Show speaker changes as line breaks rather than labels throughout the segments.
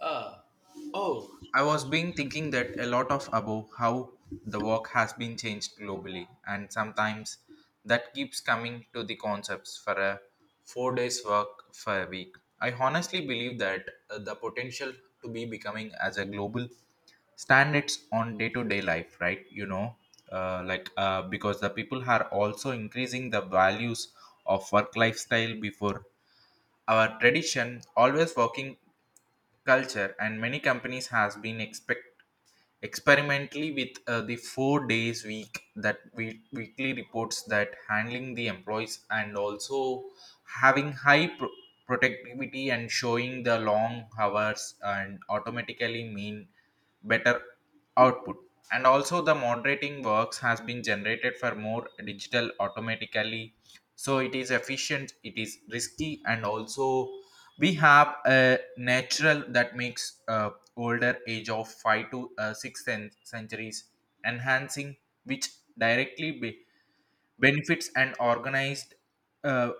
Ah, oh, I was been thinking that a lot of about how the work has been changed globally, and sometimes that keeps coming to the concepts for a 4 days work for a week. I honestly believe that the potential to be becoming as a global standards on day to day life, right? Because the people are also increasing the values of work lifestyle before our tradition always working culture, and many companies has been expect experimentally with the 4 days week that we weekly reports that handling the employees, and also having high productivity and showing the long hours and automatically mean better output. And also the moderating works has been generated for more digital automatically, so it is efficient, it is risky, and also we have a natural that makes older age of 5 to 6 centuries enhancing, which directly benefits and organized uh,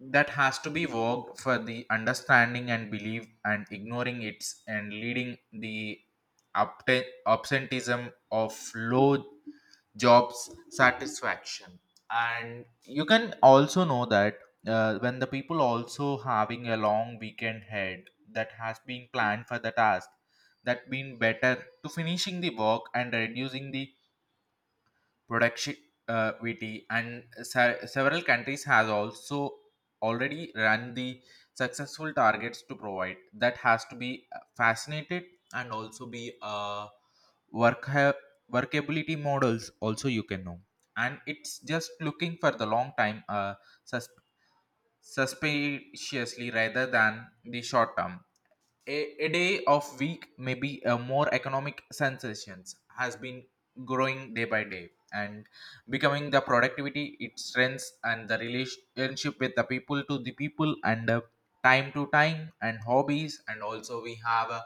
that has to be worked for the understanding and belief and ignoring its and leading the absenteeism of low jobs satisfaction. And you can also know that when the people also having a long weekend head, that has been planned for the task, that been better to finishing the work and reducing the productivity. And several countries has also already run the successful targets to provide that has to be fascinated and also be uh, work workability models also you can know. And it's just looking for the long time sus- suspiciously rather than the short term. a, a day of week may be a more economic sensations has been growing day by day and becoming the productivity its strengths and the relationship with the people to the people and time to time and hobbies, and also we have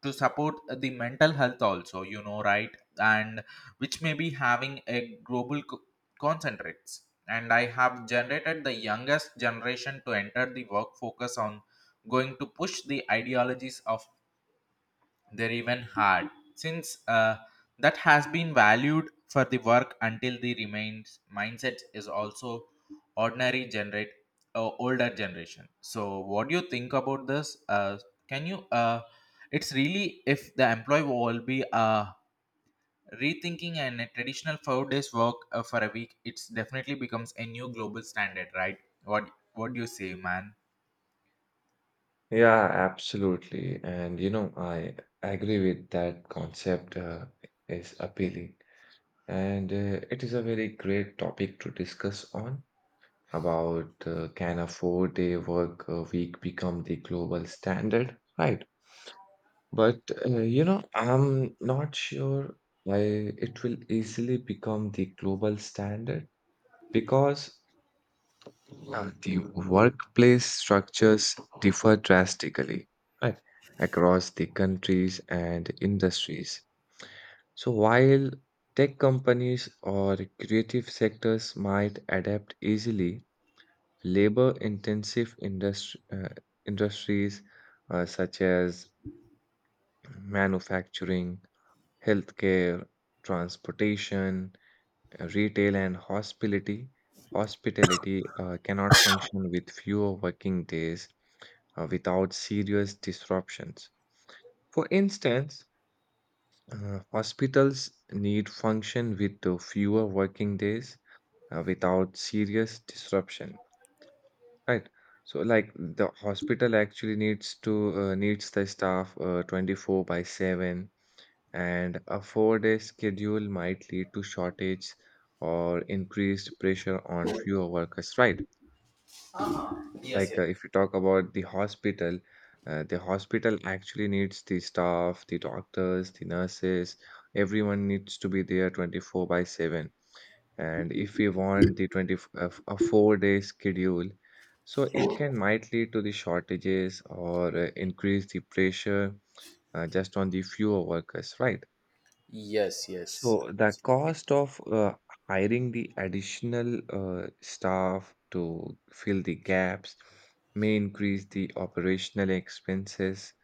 to support the mental health also, you know, right? And which may be having a global concentrates, and I have generated the youngest generation to enter the work focus on going to push the ideologies of their even hard, since that has been valued for the work until the remains mindset is also ordinary generate older generation. So what do you think about this? Can you it's really if the employee will be rethinking and a traditional 4 days work for a week, it's definitely becomes a new global standard, right? What do you say, man?
Yeah, absolutely. And you know, I agree with that concept is appealing. And it is a very great topic to discuss on about can a four-day work week become the global standard, right? But you know, I'm not sure I it will easily become the global standard because Yeah, the workplace structures differ drastically, right, across the countries and industries. So, while tech companies or creative sectors might adapt easily, labor intensive industry, uh, industries such as manufacturing, healthcare, transportation, retail and hospitality cannot function with fewer working days without serious disruptions. For instance, hospitals need function with the fewer working days without serious disruption, right? So, like the hospital actually needs to needs the staff 24 by 7, and a four-day schedule might lead to shortage or increased pressure on fewer workers, right?
Uh-huh. Yes,
Like
yes.
if you talk about the hospital actually needs the staff, the doctors, the nurses, everyone needs to be there 24 by 7, and if we want the 20 f- a f- a 4 day schedule, so it can might lead to the shortages or increase the pressure just on the fewer workers, right.
Yes, yes,
So the
absolutely.
cost of hiring the additional staff to fill the gaps may increase the operational expenses,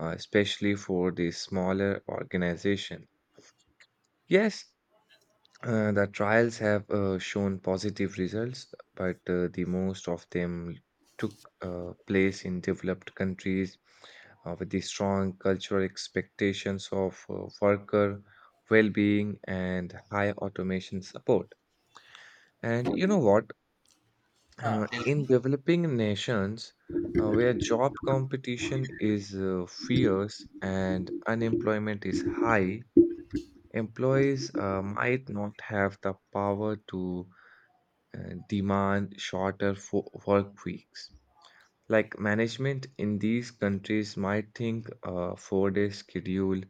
especially for the smaller organization. Yes, the trials have shown positive results, but the most of them took place in developed countries with the strong cultural expectations of worker well-being and high automation support. And you know what?
Huh. Tell
In
me.
developing nations where job competition is fierce and unemployment is high, employees might not have the power to demand shorter work weeks. Like management in these countries might think a 4 day schedule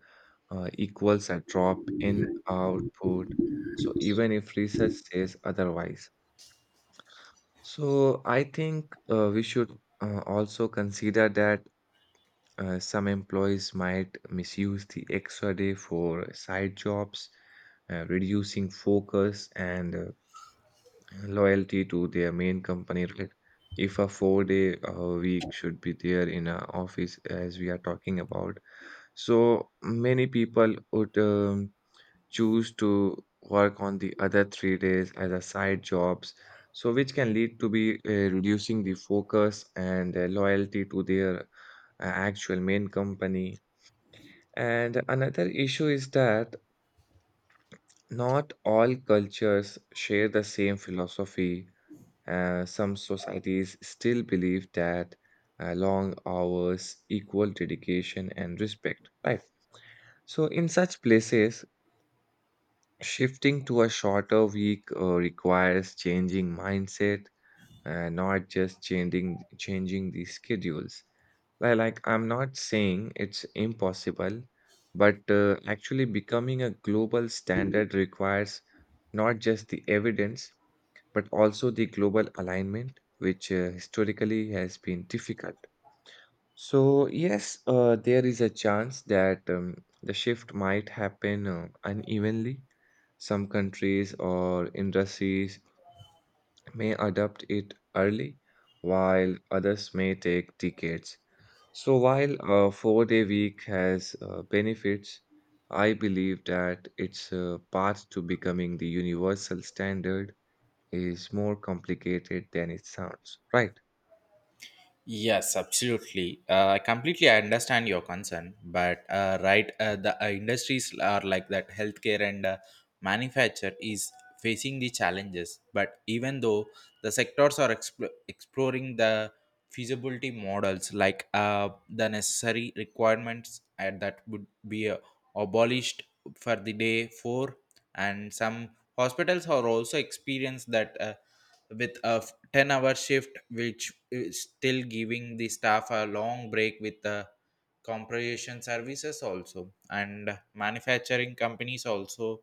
equals a drop in output, so even if research says otherwise. So, I think we should also consider that some employees might misuse the extra day for side jobs, reducing focus and loyalty to their main company, right? If a 4 day week should be there in an office, as we are talking about, so many people would choose to work on the other 3 days as a side jobs, so which can lead to be reducing the focus and loyalty to their actual main company. And another issue is that not all cultures share the same philosophy. Some societies still believe that long hours equal dedication and respect, right? So, in such places, shifting to a shorter week requires changing mindset, not just changing the schedules. Like, I'm not saying it's impossible, but actually becoming a global standard requires not just the evidence but also the global alignment, which historically has been difficult. So, yes, there is a chance that the shift might happen unevenly. Some countries or industries may adopt it early, while others may take decades. So, while a 4 day week has benefits, I believe that it's a path to becoming the universal standard is more complicated than it sounds, right?
Yes, absolutely. I completely understand your concern, but right, the industries are like that. Healthcare and manufacture is facing the challenges, but even though the sectors are exploring the feasibility models, like the necessary requirements, and that would be abolished for the day four. And some hospitals are also experienced that. With a 10-hour shift, which is still giving the staff a long break with the compression services also. And manufacturing companies also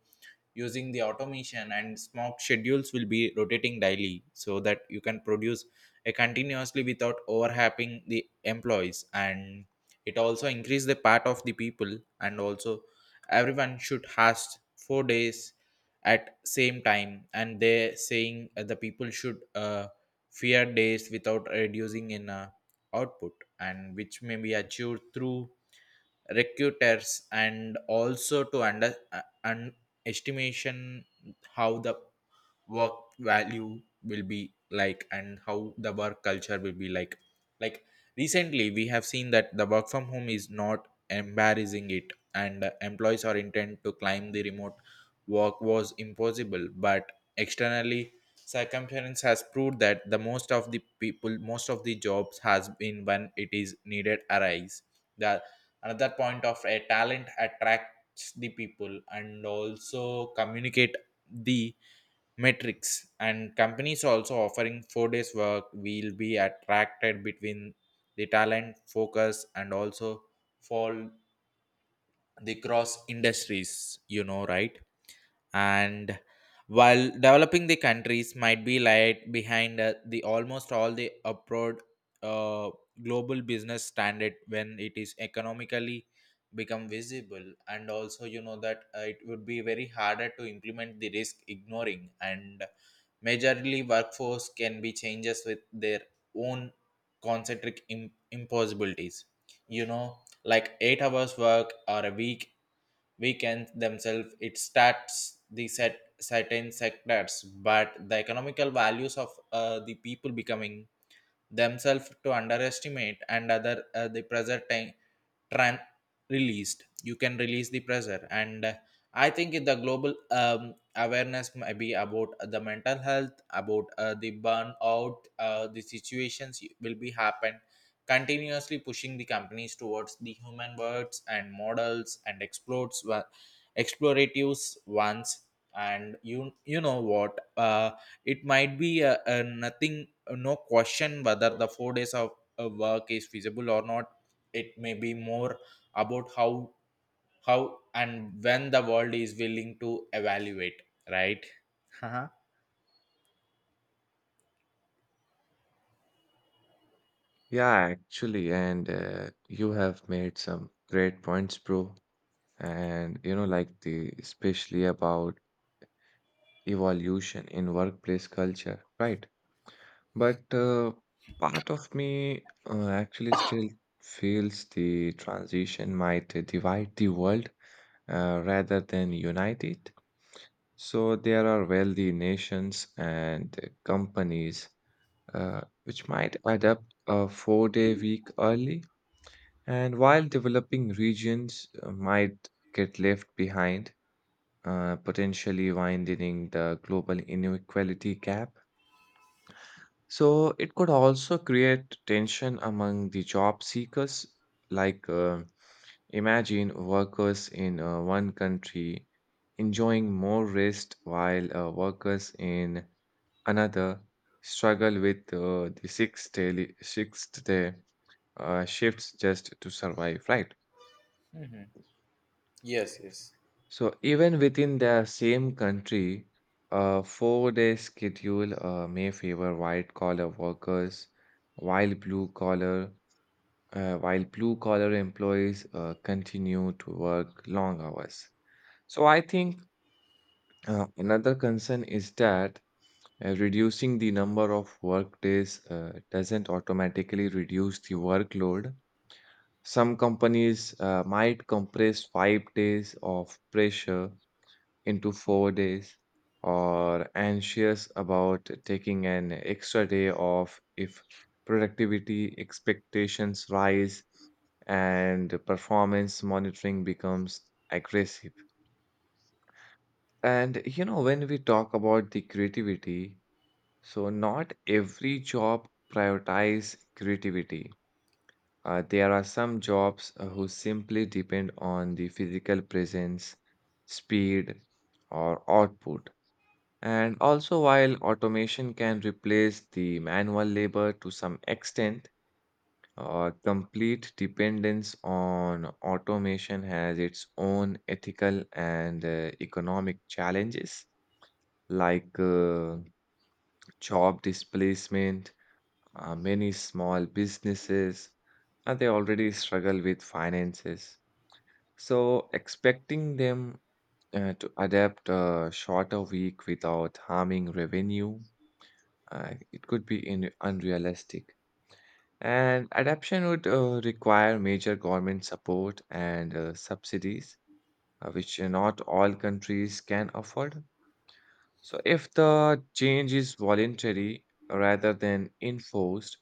using the automation and smoke schedules will be rotating daily, so that you can produce a continuously without overlapping the employees. And it also increase the part of the people, and also everyone should has 4 days at same time. And they saying the people should fear days without reducing in output, and which may be achieved through recruiters and also to under an estimation how the work value will be like and how the work culture will be like. Like recently we have seen that the work from home is not embarrassing it, and employees are intent to climb the remote work was impossible, but externally circumference has proved that the most of the people, most of the jobs has been when it is needed arise. The another point of a talent attracts the people, and also communicate the metrics, and companies also offering 4 days work will be attracted between the talent focus, and also for the cross industries, you know, right? And while developing the countries might be lagged behind the almost all the abroad uh, global business standard when it is economically become visible. And also you know that it would be very harder to implement the risk ignoring, and majorly workforce can be changes with their own concentric impossibilities, you know, like 8 hours work or a week weekend themselves, it starts the set certain sectors. But the economical values of the people becoming themselves to underestimate and other the present time tran- released, you can release the pressure. And I think in the global awareness maybe about the mental health, about the burnout the situations will be happen, continuously pushing the companies towards the human words and models and explores exploratives ones. And you know what? It might be a nothing no question whether the 4 days of work is feasible or not. It may be more about how and when the world is willing to evaluate, right? Uh-huh.
Yeah, actually, and you have made some great points, bro. And you know, like the especially about evolution in workplace culture, right? But part of me actually still feels the transition might divide the world rather than unite it. So there are wealthy nations and companies which might add up a 4 day week early. And while developing regions might get left behind, potentially widening the global inequality gap. So it could also create tension among the job seekers, like imagine workers in one country enjoying more rest while workers in another struggle with the sixth day shifts just to survive, right?
Mhm. Yes, yes.
So even within the same country, a four-day schedule may favor white-collar workers, while blue-collar employees continue to work long hours. So I think another concern is that reducing the number of work days doesn't automatically reduce the workload. Some companies might compress 5 days of pressure into 4 days or anxious about taking an extra day off if productivity expectations rise and performance monitoring becomes aggressive. And you know, when we talk about the creativity, so not every job prioritize creativity. There are some jobs who simply depend on the physical presence, speed, or output. And also, while automation can replace the manual labor to some extent, complete dependence on automation has its own ethical and economic challenges, like job displacement. Many small businesses they already struggle with finances. So expecting them to adapt a shorter week without harming revenue, it could be in unrealistic. And adaptation would require major government support and subsidies, which not all countries can afford. So if the change is voluntary rather than enforced,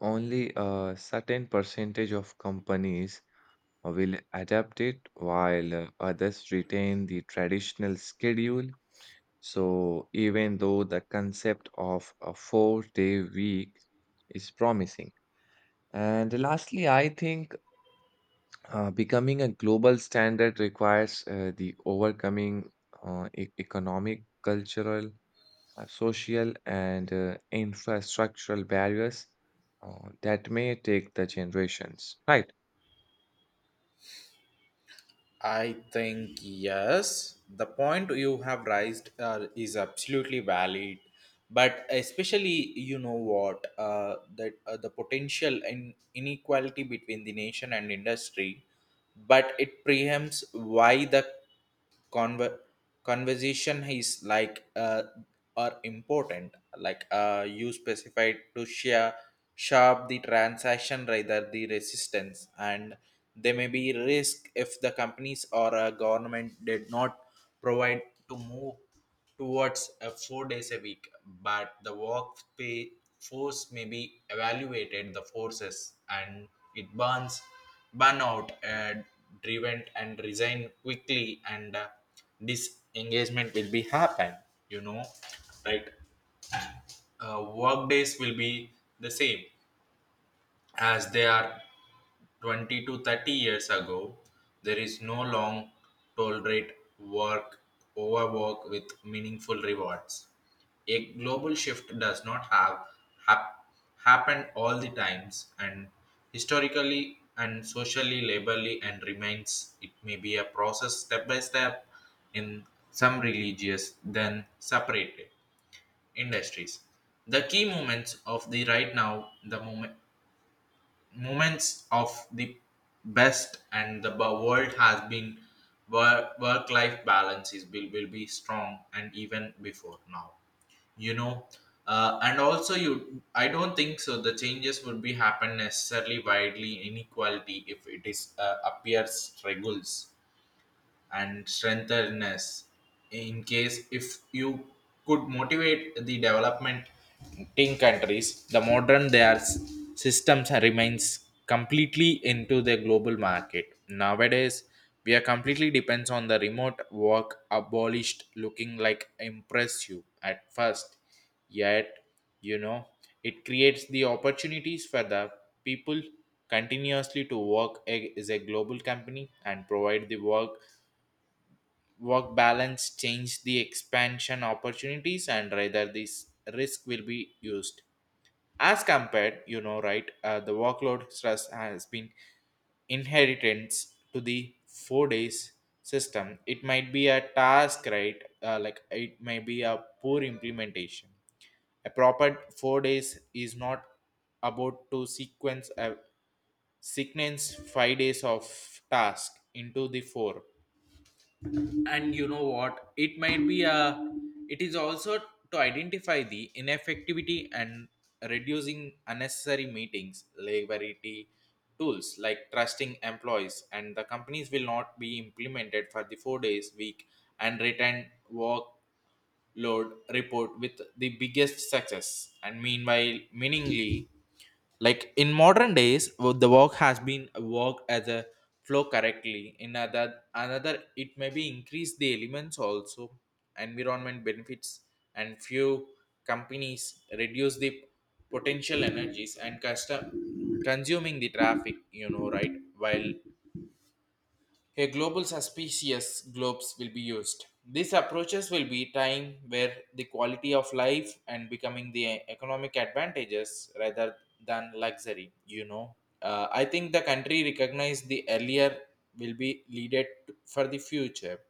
only a certain percentage of companies will adapt it while others retain the traditional schedule. So, even though the concept of a 4 day week is promising. And lastly, I think becoming a global standard requires the overcoming economic, cultural, social, and infrastructural barriers that may take the generations. Right.
I think yes. The point you have raised is absolutely valid, but especially you know what that the potential in inequality between the nation and industry, but it preempts why the conver- conversation is like are important, like you specified to share sharp the transaction rather the resistance. And there may be risk if the companies or a government did not provide to move towards a 4 days a week, but the work pay force may be evaluated the forces and it burns burnout driven and resign quickly, and disengagement will be happen, you know, right? Work days will be the same as they are 20 to 30 years ago. There is no long tolerate work overwork with meaningful rewards. A global shift does not have hap- happened all the times, and historically and socially laborly and remains it may be a process step by step in some religious then separated industries. The key moments of the right now the moment moments of the best and the world has been work work life balance is will be strong and even before now, you know. And also you I don't think so the changes would be happen necessarily widely inequality if it is appears struggles and strengthness. In case if you could motivate the development in countries, the modern their systems remains completely into the global market nowadays. We are completely depends on the remote work abolished looking like impressive at first, yet, you know, it creates the opportunities for the people continuously to work as a global company and provide the work work balance change the expansion opportunities, and rather this risk will be used as compared, you know, right? The workload stress has been inheritance to the 4 days system, it might be a task, right? Like it may be a poor implementation. A proper 4 days is not about to sequence a sequence 5 days of task into the four. And you know what, it might be a it is also to identify the ineffectivity and reducing unnecessary meetings liability tools, like trusting employees, and the companies will not be implemented for the 4 days week and return workload report with the biggest success. And meanwhile meaningly, like in modern days the work has been worked as a flow correctly in other another, it may be increase the elements also environment benefits. And few companies reduce the potential energies and custom consuming the traffic, you know, right? While a global suspicious globes will be used, these approaches will be time where the quality of life and becoming the economic advantages rather than luxury. You know, I think the country recognized the earlier will be leaded for the future.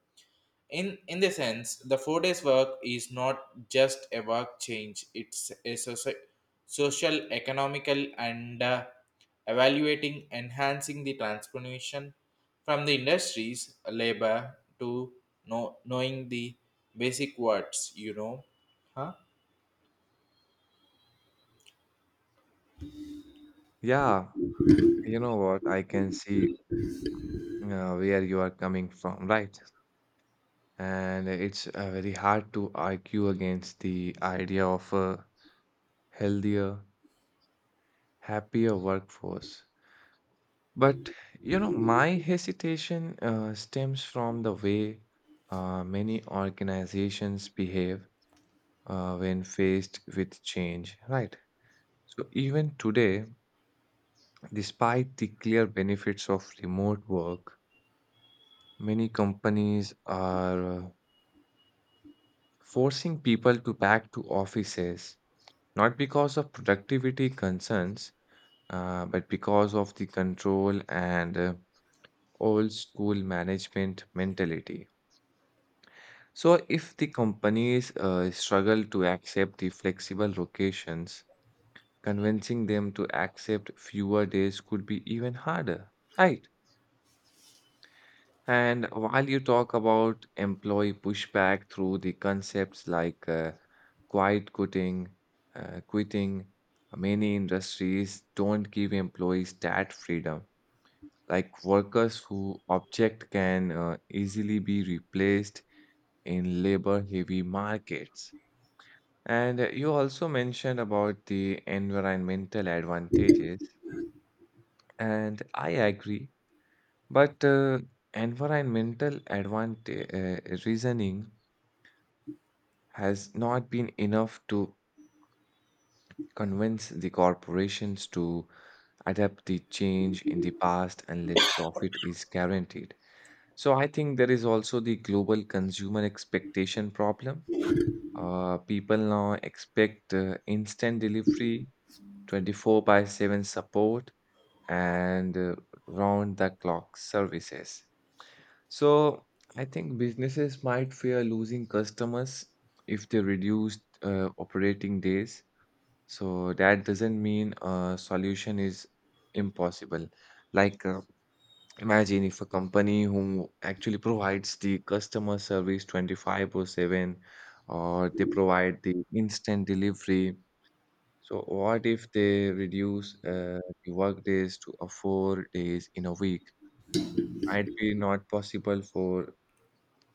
In the sense, the 4 days work is not just a work change; it's a social, economical, and evaluating, enhancing the transformation from the industries labor to know, knowing the basic words. You know, huh?
Yeah, you know what? I can see where you are coming from, right? And it's very hard to argue against the idea of a healthier, happier workforce. But, you know, my hesitation stems from the way many organizations behave when faced with change, right? So even today, despite the clear benefits of remote work, many companies are forcing people to back to offices, not because of productivity concerns but because of the control and old school management mentality. So if the companies struggle to accept the flexible locations, convincing them to accept fewer days could be even harder, right? And while you talk about employee pushback through the concepts like quiet quitting, quitting, many industries don't give employees that freedom. Like workers who object can easily be replaced in labor-heavy markets. And you also mentioned about the environmental advantages, and I agree. But environmental advantage reasoning has not been enough to convince the corporations to adapt the change in the past unless profit is guaranteed. So I think there is also the global consumer expectation problem. People now expect instant delivery, 24 by 7 support, and round the clock services. So I think businesses might fear losing customers if they reduce operating days. So that doesn't mean a solution is impossible. Like, imagine if a company who actually provides the customer service 25 by 7 or they provide the instant delivery. So, what if they reduce the work days to a 4 days in a week? Might be not possible for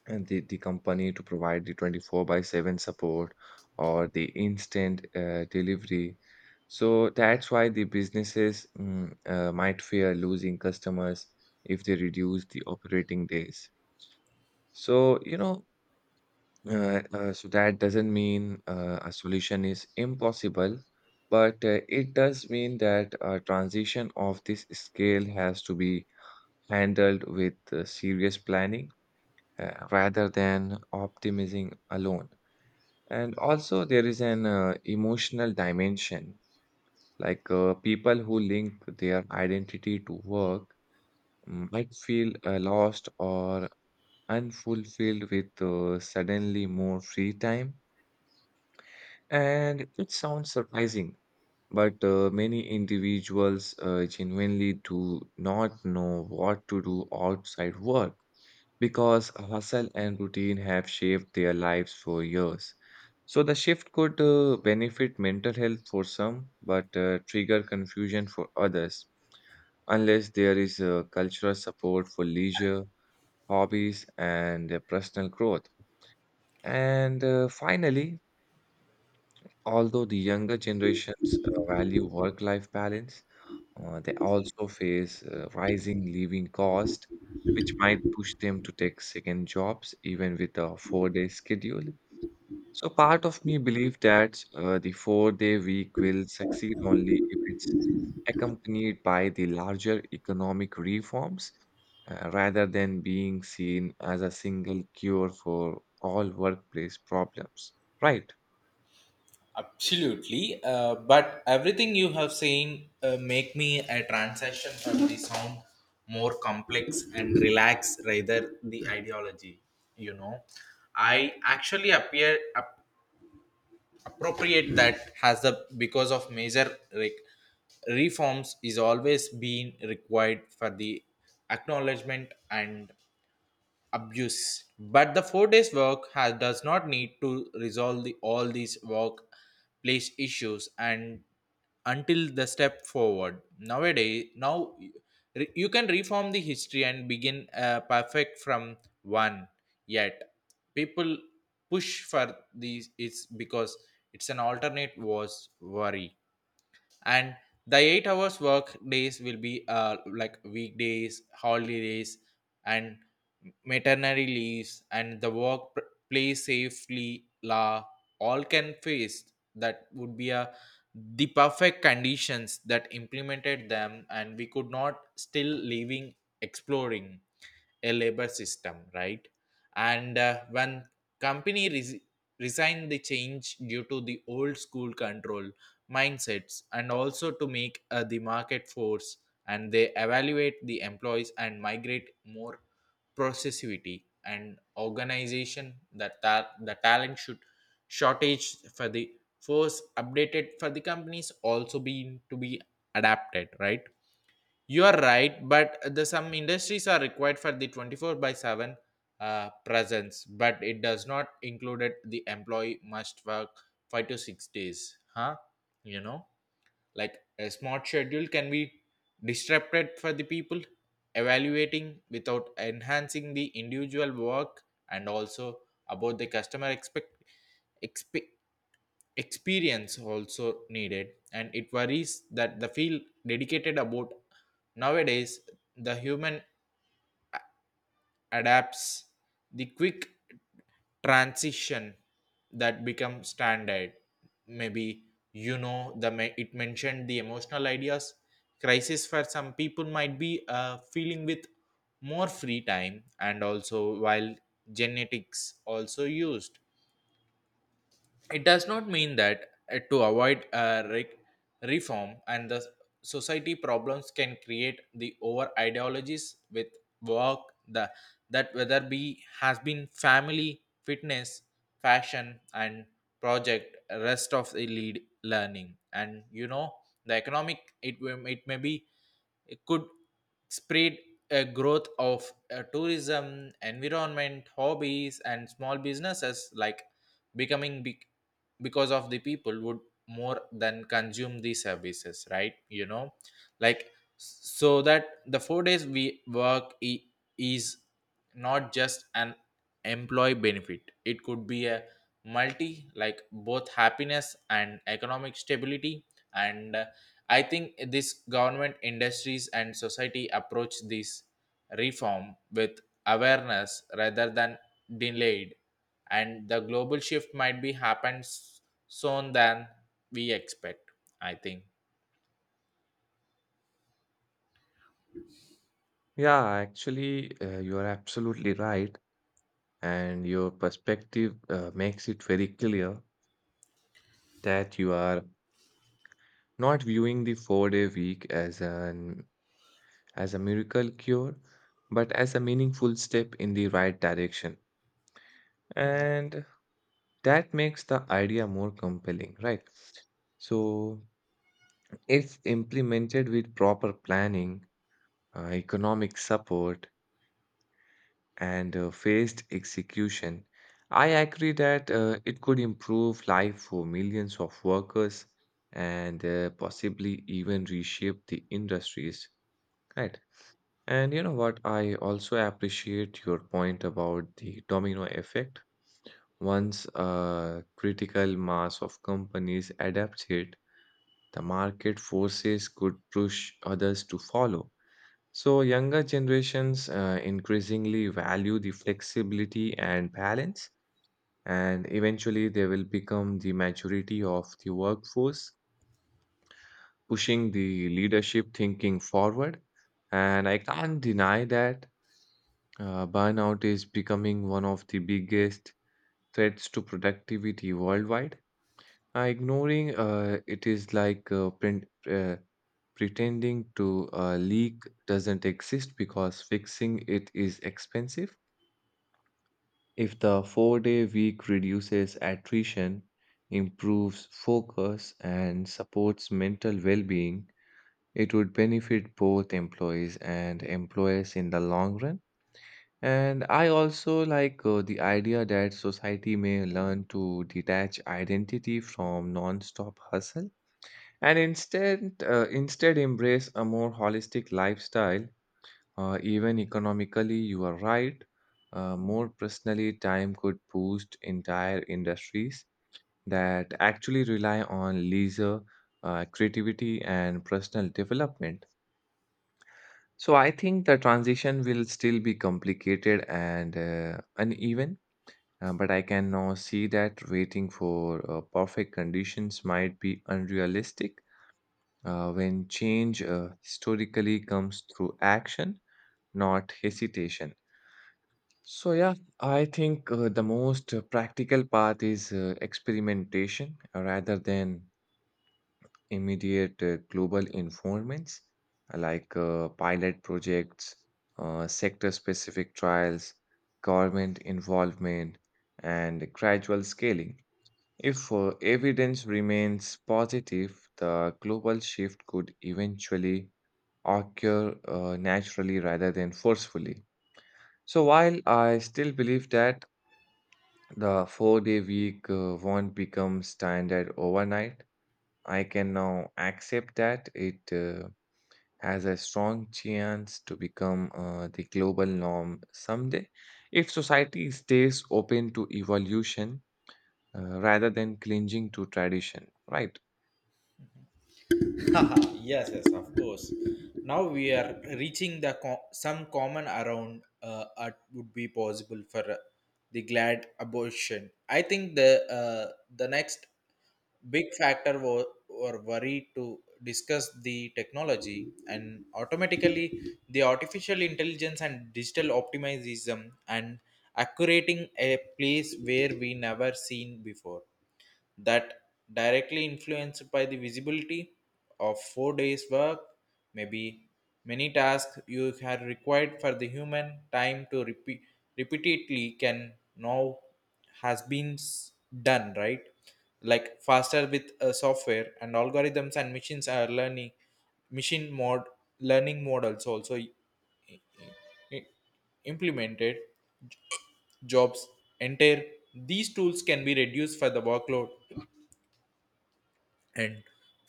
the company to provide the 24 by 7 support or the instant delivery. So that's why the businesses might fear losing customers if they reduce the operating days. So, you know, so that doesn't mean a solution is impossible, but it does mean that a transition of this scale has to be handled with serious planning rather than optimism alone. And also, there is an emotional dimension. Like people who link their identity to work might feel lost or unfulfilled with suddenly more free time. And it sounds surprising, but many individuals genuinely do not know what to do outside work because hustle and routine have shaped their lives for years. So the shift could benefit mental health for some, but trigger confusion for others, unless there is cultural support for leisure, hobbies, and personal growth. And finally, although the younger generations value work-life balance, they also face rising living cost, which might push them to take second jobs even with a four-day schedule. So part of me believe that the four-day week will succeed only if it's accompanied by the larger economic reforms, rather than being seen as a single cure for all workplace problems. Right.
Absolutely, but everything you have saying make me a transaction from the sound more complex and relax rather the ideology. You know, I actually appear appropriate that has a because of major reforms is always been required for the acknowledgement and abuse. But the 4 days work has, does not need to resolve the, all these workplace issues and until the step forward. Nowadays, now you can reform the history and begin perfect from one. Yet people push for these is because it's an alternate was worry, and the 8 hours work days will be like weekdays holidays and maternity leaves and the work play safely law all can face. That would be a the perfect conditions that implemented them, and we could not still living exploring a labor system, right? And when company res- resign the change due to the old school control mindsets, and also to make the market force and they evaluate the employees and migrate more processivity and organization that the talent should shortage for the force updated for the companies also being to be adapted, right? You are right, but the some industries are required for the 24 by 7 presence, but it does not included the employee must work 5 to 6 days, huh? You know, like a smart schedule can be disrupted for the people evaluating without enhancing the individual work. And also about the customer expect, expe experience also needed, and it worries that the field dedicated about nowadays the human adapts the quick transition that become standard. Maybe, you know, it mentioned the emotional ideas crisis for some people might be feeling with more free time. And also while genetics also used, it does not mean that to avoid reform. And the society problems can create the over ideologies with work, the that whether be has been family fitness fashion and project rest of the lead learning. And you know the economic it will it may be it could spread a growth of tourism environment hobbies and small businesses like becoming big, because of the people would more than consume the services, right? You know, like, so that the four days we work I- is not just an employee benefit, it could be a multi like both happiness and economic stability. And I think this government, industries, and society approach this reform with awareness rather than delayed, and the global shift might be happens soon than we expect. I think.
Yeah, actually, you are absolutely right, and your perspective makes it very clear that you are not viewing the 4 day week as an as a miracle cure but as a meaningful step in the right direction.
Hmm.
And that makes the idea more compelling, right? So if implemented with proper planning, economic support and phased execution, I agree that it could improve life for millions of workers and possibly even reshape the industries. Right. And you know what? I also appreciate your point about the domino effect. Once a critical mass of companies adapts it, the market forces could push others to follow. So younger generations increasingly value the flexibility and balance, and eventually they will become the majority of the workforce, pushing the leadership thinking forward. And I can't deny that burnout is becoming one of the biggest threats to productivity worldwide. Ignoring it is like uh, pretending to leak doesn't exist because fixing it is expensive. If the 4-day week reduces attrition, improves focus, and supports mental well being, it would benefit both employees and employers in the long run. And I also like the idea that society may learn to detach identity from non-stop hustle and instead embrace a more holistic lifestyle. Even economically, you are right. More personally, time could boost entire industries that actually rely on leisure, creativity, and personal development. So I think the transition will still be complicated and uneven, but I can now see that waiting for perfect conditions might be unrealistic when change historically comes through action, not hesitation. So, yeah, I think the most practical path is experimentation rather than immediate global informants, like pilot projects, sector specific trials, government involvement, and gradual scaling. If evidence remains positive, the global shift could eventually occur naturally rather than forcefully. So, while I still believe that the 4-day week won't become standard overnight, I can now accept that it has a strong chance to become the global norm someday if society stays open to evolution, rather than clinging to tradition, right?
Haha, yes, yes, of course. Now we are reaching the some common around what would be possible for the glad abortion. I think uh, the next big factor was or worry to discuss the technology, and automatically the artificial intelligence and digital optimism and accurating a place where we never seen before, that directly influenced by the visibility of 4 days work. Maybe many tasks you had required for the human time to repeatedly can now has been s- done, right? Like faster with software and algorithms, and machines are learning machine mod learning models also i- implemented jobs enter. These tools can be reduced for the workload and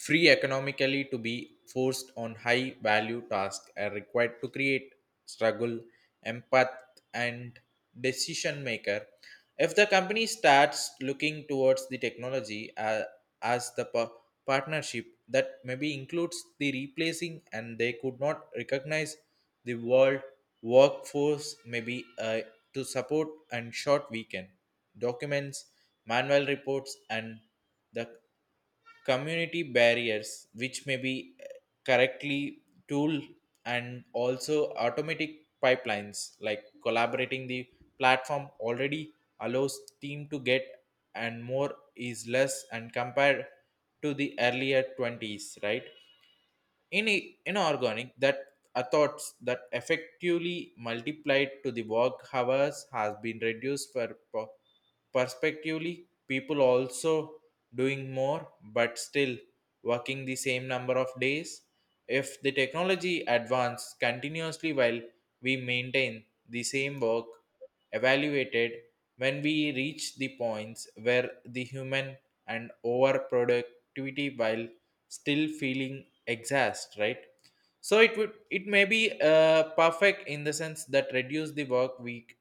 free economically to be forced on high value tasks are required to create struggle, empath, and decision maker. If the company starts looking towards the technology as the partnership that maybe includes the replacing, and they could not recognize the world workforce maybe to support and short weekend documents, manual reports, and the community barriers which may be correctly tool. And also automatic pipelines like collaborating the platform already allows team to get and more is less, and compared to the earlier 20s, right? In inorganic that thoughts that effectively multiplied to the work hours has been reduced perspectively, people also doing more but still working the same number of days. If the technology advance continuously while we maintain the same work evaluated, when we reach the points where the human and over productivity while still feeling exhaust, right? So it would it may be perfect in the sense that reduce the work week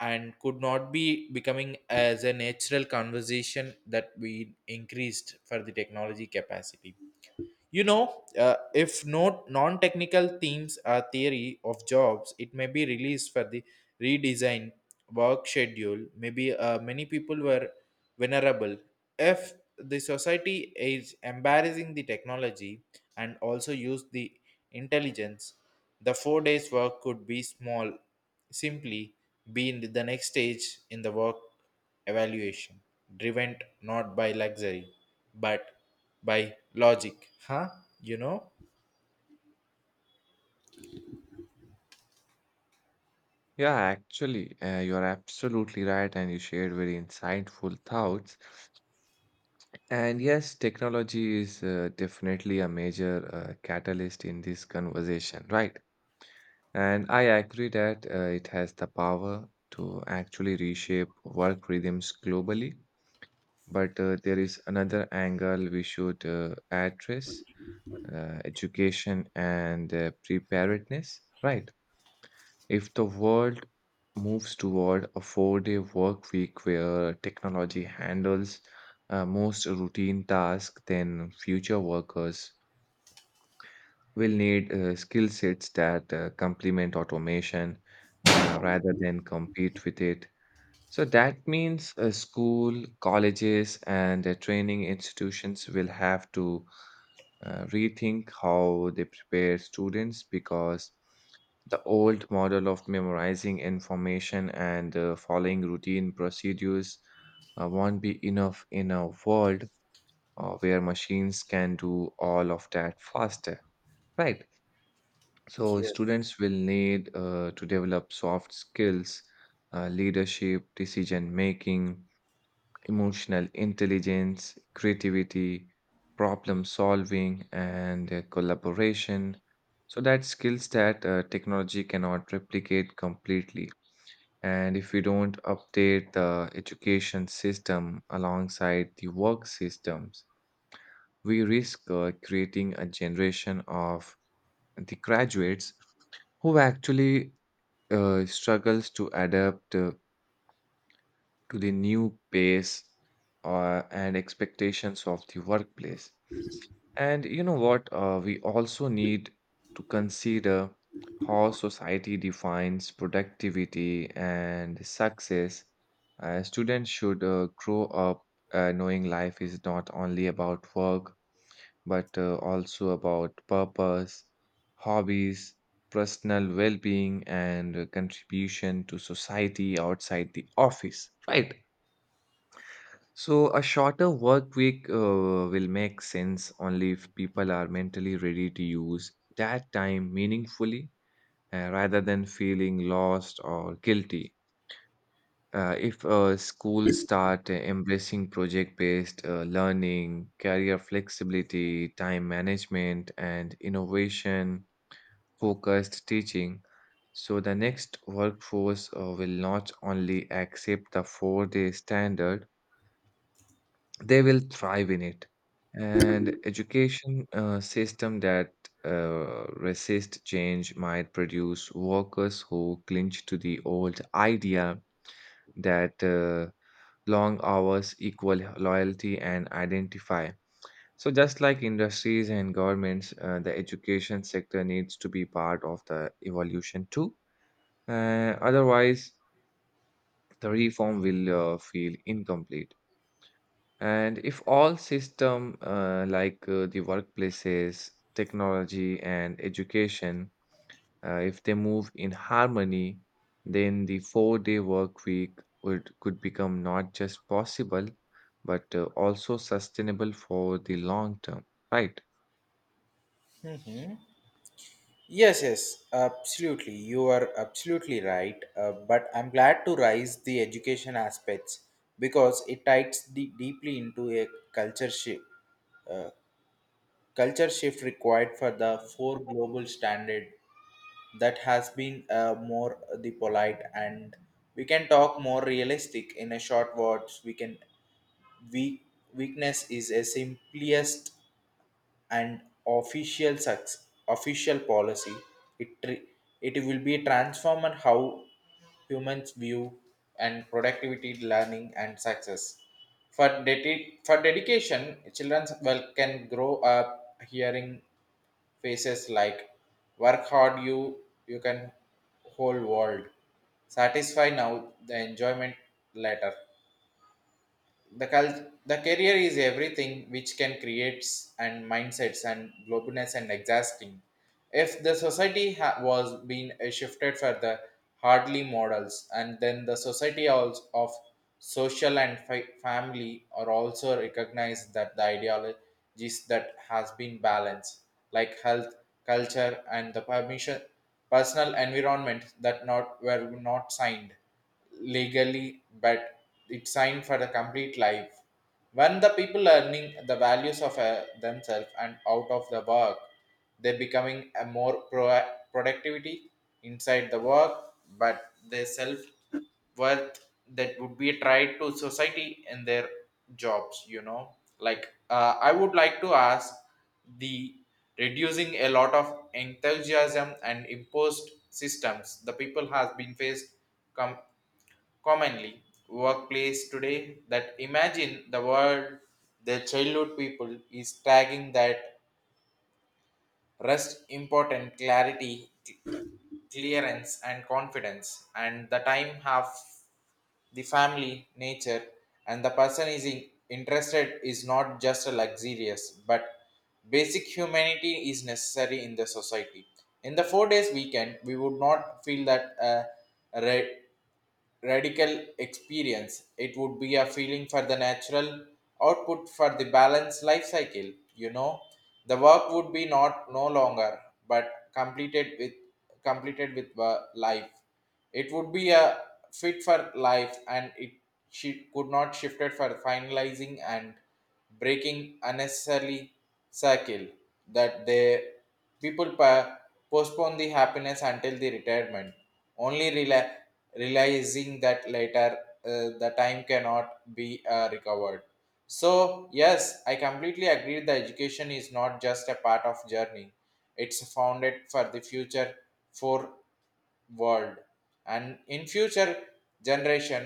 and could not be becoming as a natural conversation that we increased for the technology capacity. You know, if no non-technical themes are theory of jobs, it may be released for the redesign work schedule. Maybe many people were vulnerable. If the society is embarrassing the technology and also use the intelligence, the 4 days work could be small, simply be in the next stage in the work evaluation, driven not by luxury but by logic, huh? You know.
Yeah, actually, you're absolutely right, and you shared very insightful thoughts. And yes, technology is definitely a major catalyst in this conversation, right? And I agree that it has the power to actually reshape work rhythms globally. But there is another angle we should address, education and preparedness, right? If the world moves toward a 4-day work week where technology handles most routine tasks, then future workers will need skill sets that complement automation, rather than compete with it. So that means school, colleges, and training institutions will have to rethink how they prepare students, because the old model of memorizing information and following routine procedures won't be enough in a world where machines can do all of that faster, right? So students will need to develop soft skills, leadership, decision making, emotional intelligence, creativity, problem solving, and collaboration. So, that skills that technology cannot replicate completely. And if we don't update the education system alongside the work systems, we risk creating a generation of the graduates who actually struggles to adapt to the new pace and expectations of the workplace. And you know what? We also need to consider how society defines productivity and success. Students should grow up knowing life is not only about work, but also about purpose, hobbies, personal well being, and contribution to society outside the office, right? So, a shorter work week will make sense only if people are mentally ready to use that time meaningfully, rather than feeling lost or guilty. If schools start embracing project based learning, career flexibility, time management, and innovation focused teaching, so the next workforce will not only accept the 4-day standard, they will thrive in it. And education system that resist change might produce workers who cling to the old idea that long hours equal loyalty and identify. So just like industries and governments, the education sector needs to be part of the evolution too, otherwise the reform will feel incomplete. And if all system, like the workplaces, technology, and education, if they move in harmony, then the four-day work week would could become not just possible, but also sustainable for the long term, right?
Yes, yes, absolutely. You are absolutely right. But I'm glad to raise the education aspects because it ties deeply into a culture shift. Uh, Culture shift required for the four global standard that has been more the polite, and we can talk more realistic. In a short words we can weak, weakness is a simplest and official success, official policy. It tr- it will be transformed how humans view and productivity, learning, and success. For dedication, children well can grow up hearing phrases like "Work hard, you can whole world." Satisfy now, the enjoyment later, the cult the career is everything, which can creates and mindsets and globiness and exhausting. If the society was being shifted for the hardly models, and then the society also of social and family are also recognized that the ideologies that has been balanced like health culture and the permission personal environment that not were not signed legally but it's signed for the complete life. When the people learning the values of themselves and out of the work, they becoming a more productivity inside the work, but their self worth, that would be tried to society in their jobs, you know. Like I would like to ask the reducing a lot of enthusiasm and imposed systems the people has been faced com- commonly workplace today, that imagine the world their childhood people is tagging that rest important clarity clearance and confidence, and the time have the family nature and the person is in, interested is not just a luxurious but basic humanity is necessary in the society. In the 4 days weekend we would not feel that re- radical experience. It would be a feeling for the natural output for the balanced life cycle. You know, the work would be not no longer but completed with life. It would be a fit for life, and it she could not shifted for finalizing and breaking unnecessarily cycle that they people pa- postpone the happiness until the retirement, only realizing that later the time cannot be recovered. So yes, I completely agree the education is not just a part of journey, it's founded for the future, for world. And in future generation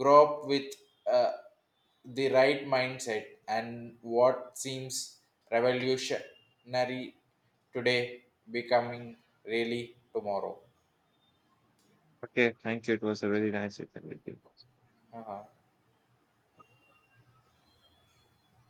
grow up with uh, the right mindset, and what seems revolutionary today becoming really tomorrow.
Okay, thank you. It was a really nice interview with you.
Uh-huh.